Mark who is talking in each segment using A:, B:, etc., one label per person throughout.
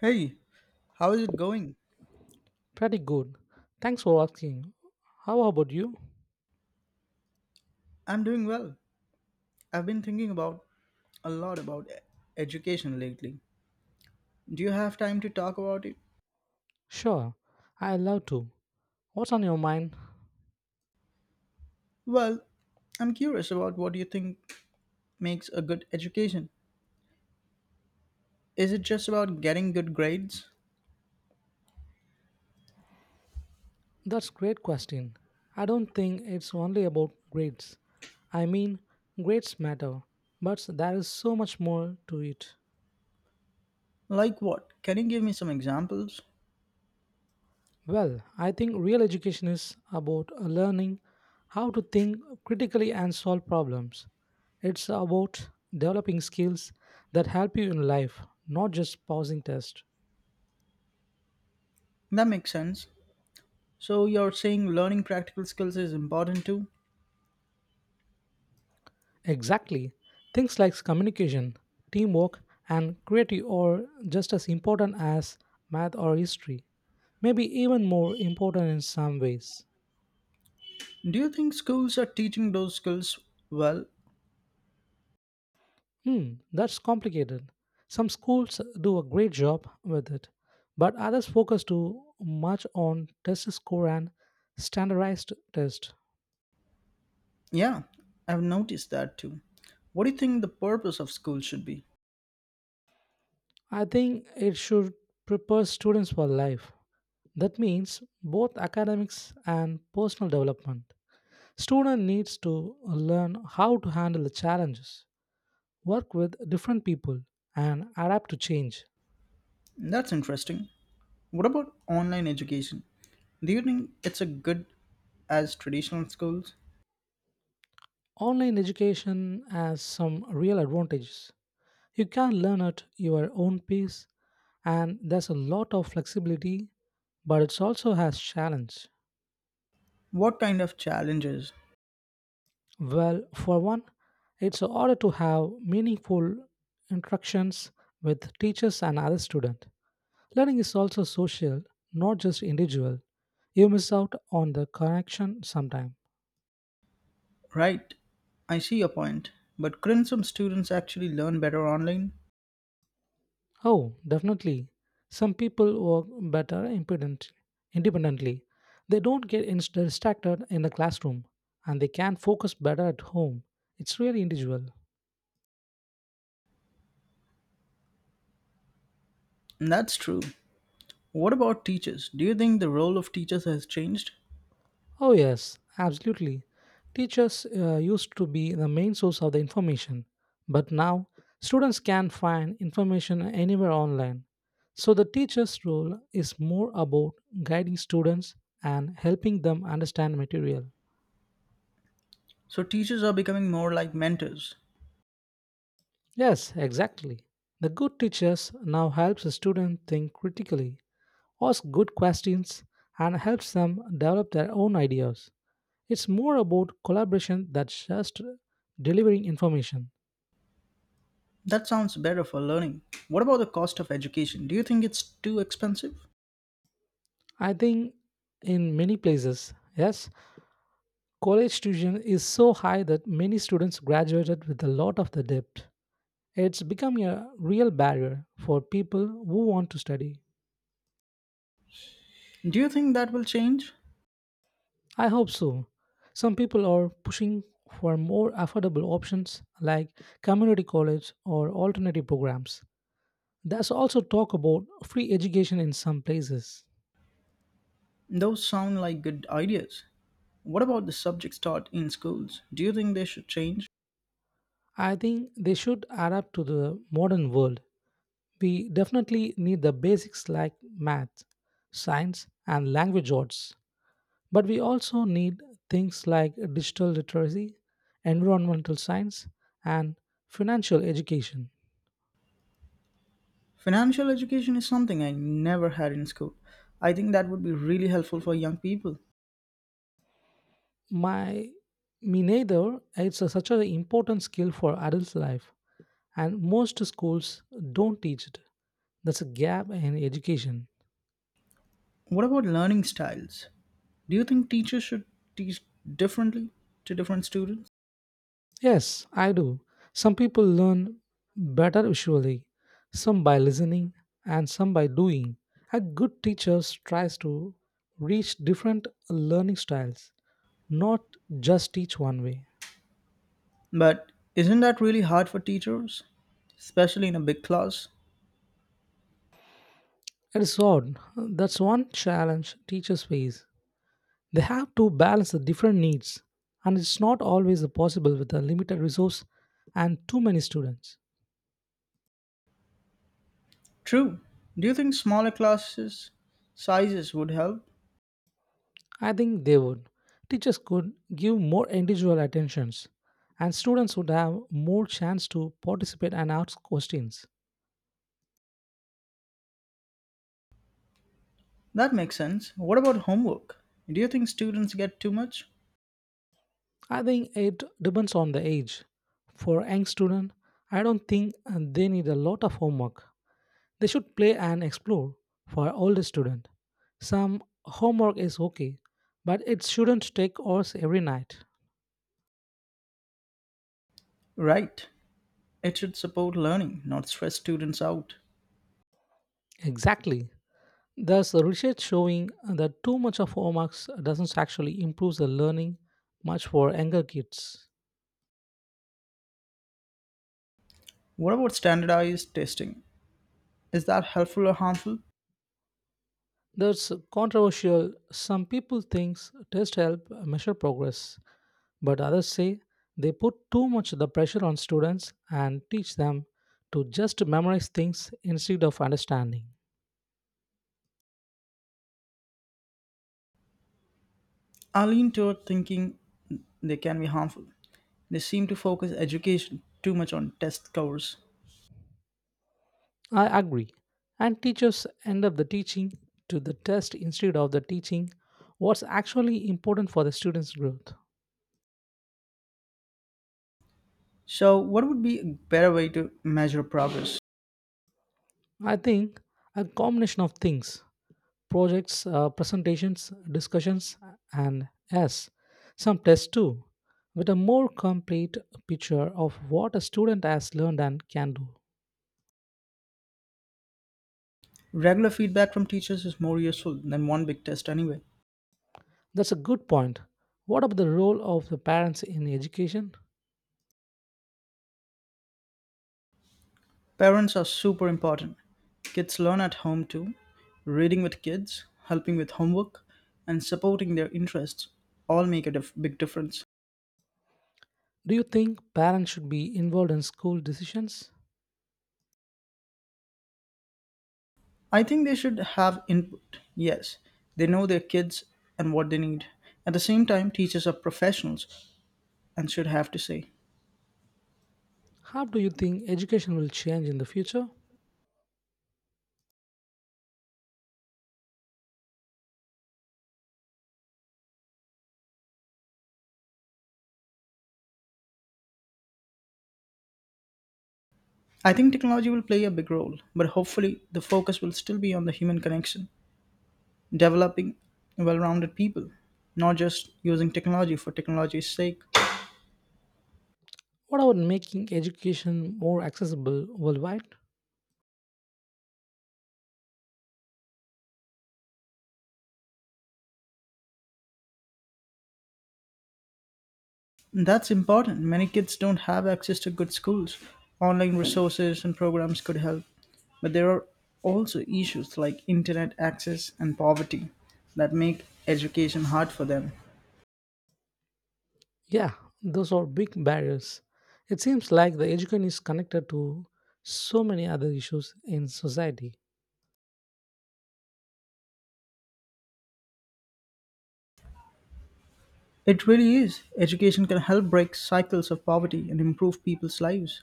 A: Hey, how is it going?
B: Pretty good. Thanks for asking. How about you?
A: I'm doing well. I've been thinking about a lot about education lately. Do you have time to talk about it?
B: Sure, I love to. What's on your mind?
A: Well, I'm curious about what you think makes a good education. Is it just about getting good grades?
B: That's great question. I don't think it's only about grades. I mean, grades matter, but there is so much more to it.
A: Like what? Can you give me some examples?
B: Well, I think real education is about learning how to think critically and solve problems. It's about developing skills that help you in life, not just passing tests.
A: That makes sense. So you're saying learning practical skills is important too?
B: Exactly. Things like communication, teamwork, and creativity are just as important as math or history. Maybe even more important in some ways.
A: Do you think schools are teaching those skills well?
B: Hmm, that's complicated. Some schools do a great job with it, but others focus too much on test score and standardized tests.
A: Yeah, I've noticed that too. What do you think the purpose of school should be?
B: I think it should prepare students for life. That means both academics and personal development. Student needs to learn how to handle the challenges, work with different people, and adapt to change.
A: That's interesting. What about online education? Do you think it's a good as traditional schools?
B: Online education has some real advantages. You can learn at your own pace, and there's a lot of flexibility, but it also has challenge.
A: What kind of challenges?
B: Well, for one, it's harder to have meaningful interactions with teachers and other students. Learning is also social, not just individual. You miss out on the connection sometime.
A: Right, I see your point, but couldn't some students actually learn better online?
B: Oh, definitely. Some people work better independent, independently. They don't get distracted in the classroom and they can focus better at home. It's really individual.
A: That's true. What about teachers? Do you think the role of teachers has changed?
B: Oh, yes, absolutely. Teachers used to be the main source of the information, but now students can find information anywhere online. So the teacher's role is more about guiding students and helping them understand material.
A: So teachers are becoming more like mentors.
B: Yes, exactly. The good teachers now helps the student think critically, ask good questions, and helps them develop their own ideas. It's more about collaboration than just delivering information.
A: That sounds better for learning. What about the cost of education? Do you think it's too expensive?
B: I think in many places, yes, college tuition is so high that many students graduated with a lot of the debt. It's becoming a real barrier for people who want to study.
A: Do you think that will change?
B: I hope so. Some people are pushing for more affordable options like community college or alternative programs. There's also talk about free education in some places.
A: Those sound like good ideas. What about the subjects taught in schools? Do you think they should change?
B: I think they should adapt to the modern world. We definitely need the basics like math, science, and language arts. But we also need things like digital literacy, environmental science, and financial education.
A: Financial education is something I never had in school. I think that would be really helpful for young people.
B: My Me neither, it's such an important skill for adult life, and most schools don't teach it. That's a gap in education.
A: What about learning styles? Do you think teachers should teach differently to different students?
B: Yes, I do. Some people learn better visually, some by listening, and some by doing. A good teacher tries to reach different learning styles, not just teach one way.
A: But isn't that really hard for teachers, especially in a big class?
B: It is odd. That's one challenge teachers face. They have to balance the different needs, and it's not always possible with a limited resource and too many students.
A: True. Do you think smaller classes sizes would help?
B: I think they would. Teachers could give more individual attentions, and students would have more chance to participate and ask questions.
A: That makes sense. What about homework? Do you think students get too much?
B: I think it depends on the age. For young student, I don't think they need a lot of homework. They should play and explore. For older student, some homework is okay, but it shouldn't take hours every night.
A: Right. It should support learning, not stress students out.
B: Exactly. There's a research showing that too much of homeworks doesn't actually improve the learning much for younger kids.
A: What about standardized testing? Is that helpful or harmful?
B: That's controversial. Some people think tests help measure progress, but others say they put too much the pressure on students and teach them to just memorize things instead of understanding.
A: I lean toward thinking they can be harmful. They seem to focus education too much on test scores.
B: I agree. And teachers end up the teaching to the test instead of the teaching what's actually important for the students' growth.
A: So, what would be a better way to measure progress?
B: I think a combination of things projects, presentations, discussions, and yes, some tests too, with a more complete picture of what a student has learned and can do.
A: Regular feedback from teachers is more useful than one big test anyway.
B: That's a good point. What about the role of the parents in education?
A: Parents are super important. Kids learn at home too. Reading with kids, helping with homework, and supporting their interests all make a big difference.
B: Do you think parents should be involved in school decisions?
A: I think they should have input. Yes, they know their kids and what they need. At the same time, teachers are professionals and should have to say.
B: How do you think education will change in the future?
A: I think technology will play a big role, but hopefully the focus will still be on the human connection, developing well rounded people, not just using technology for technology's sake.
B: What about making education more accessible worldwide?
A: That's important. Many kids don't have access to good schools. Online resources and programs could help. But there are also issues like internet access and poverty that make education hard for them.
B: Yeah, those are big barriers. It seems like the education is connected to so many other issues in society.
A: It really is. Education can help break cycles of poverty and improve people's lives.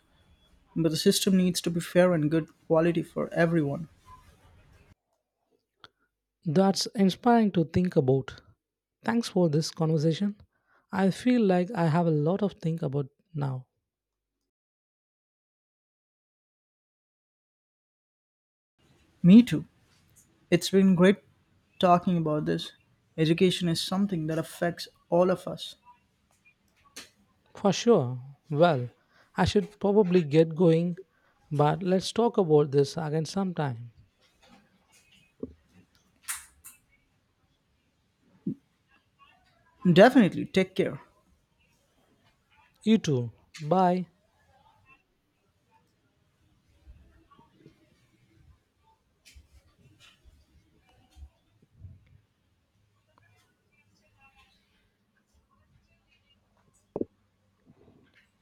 A: But the system needs to be fair and good quality for everyone.
B: That's inspiring to think about. Thanks for this conversation. I feel like I have a lot of think about now.
A: Me too. It's been great talking about this. Education is something that affects all of us.
B: For sure. Well, I should probably get going, but let's talk about this again sometime.
A: Definitely. Take care.
B: You too. Bye.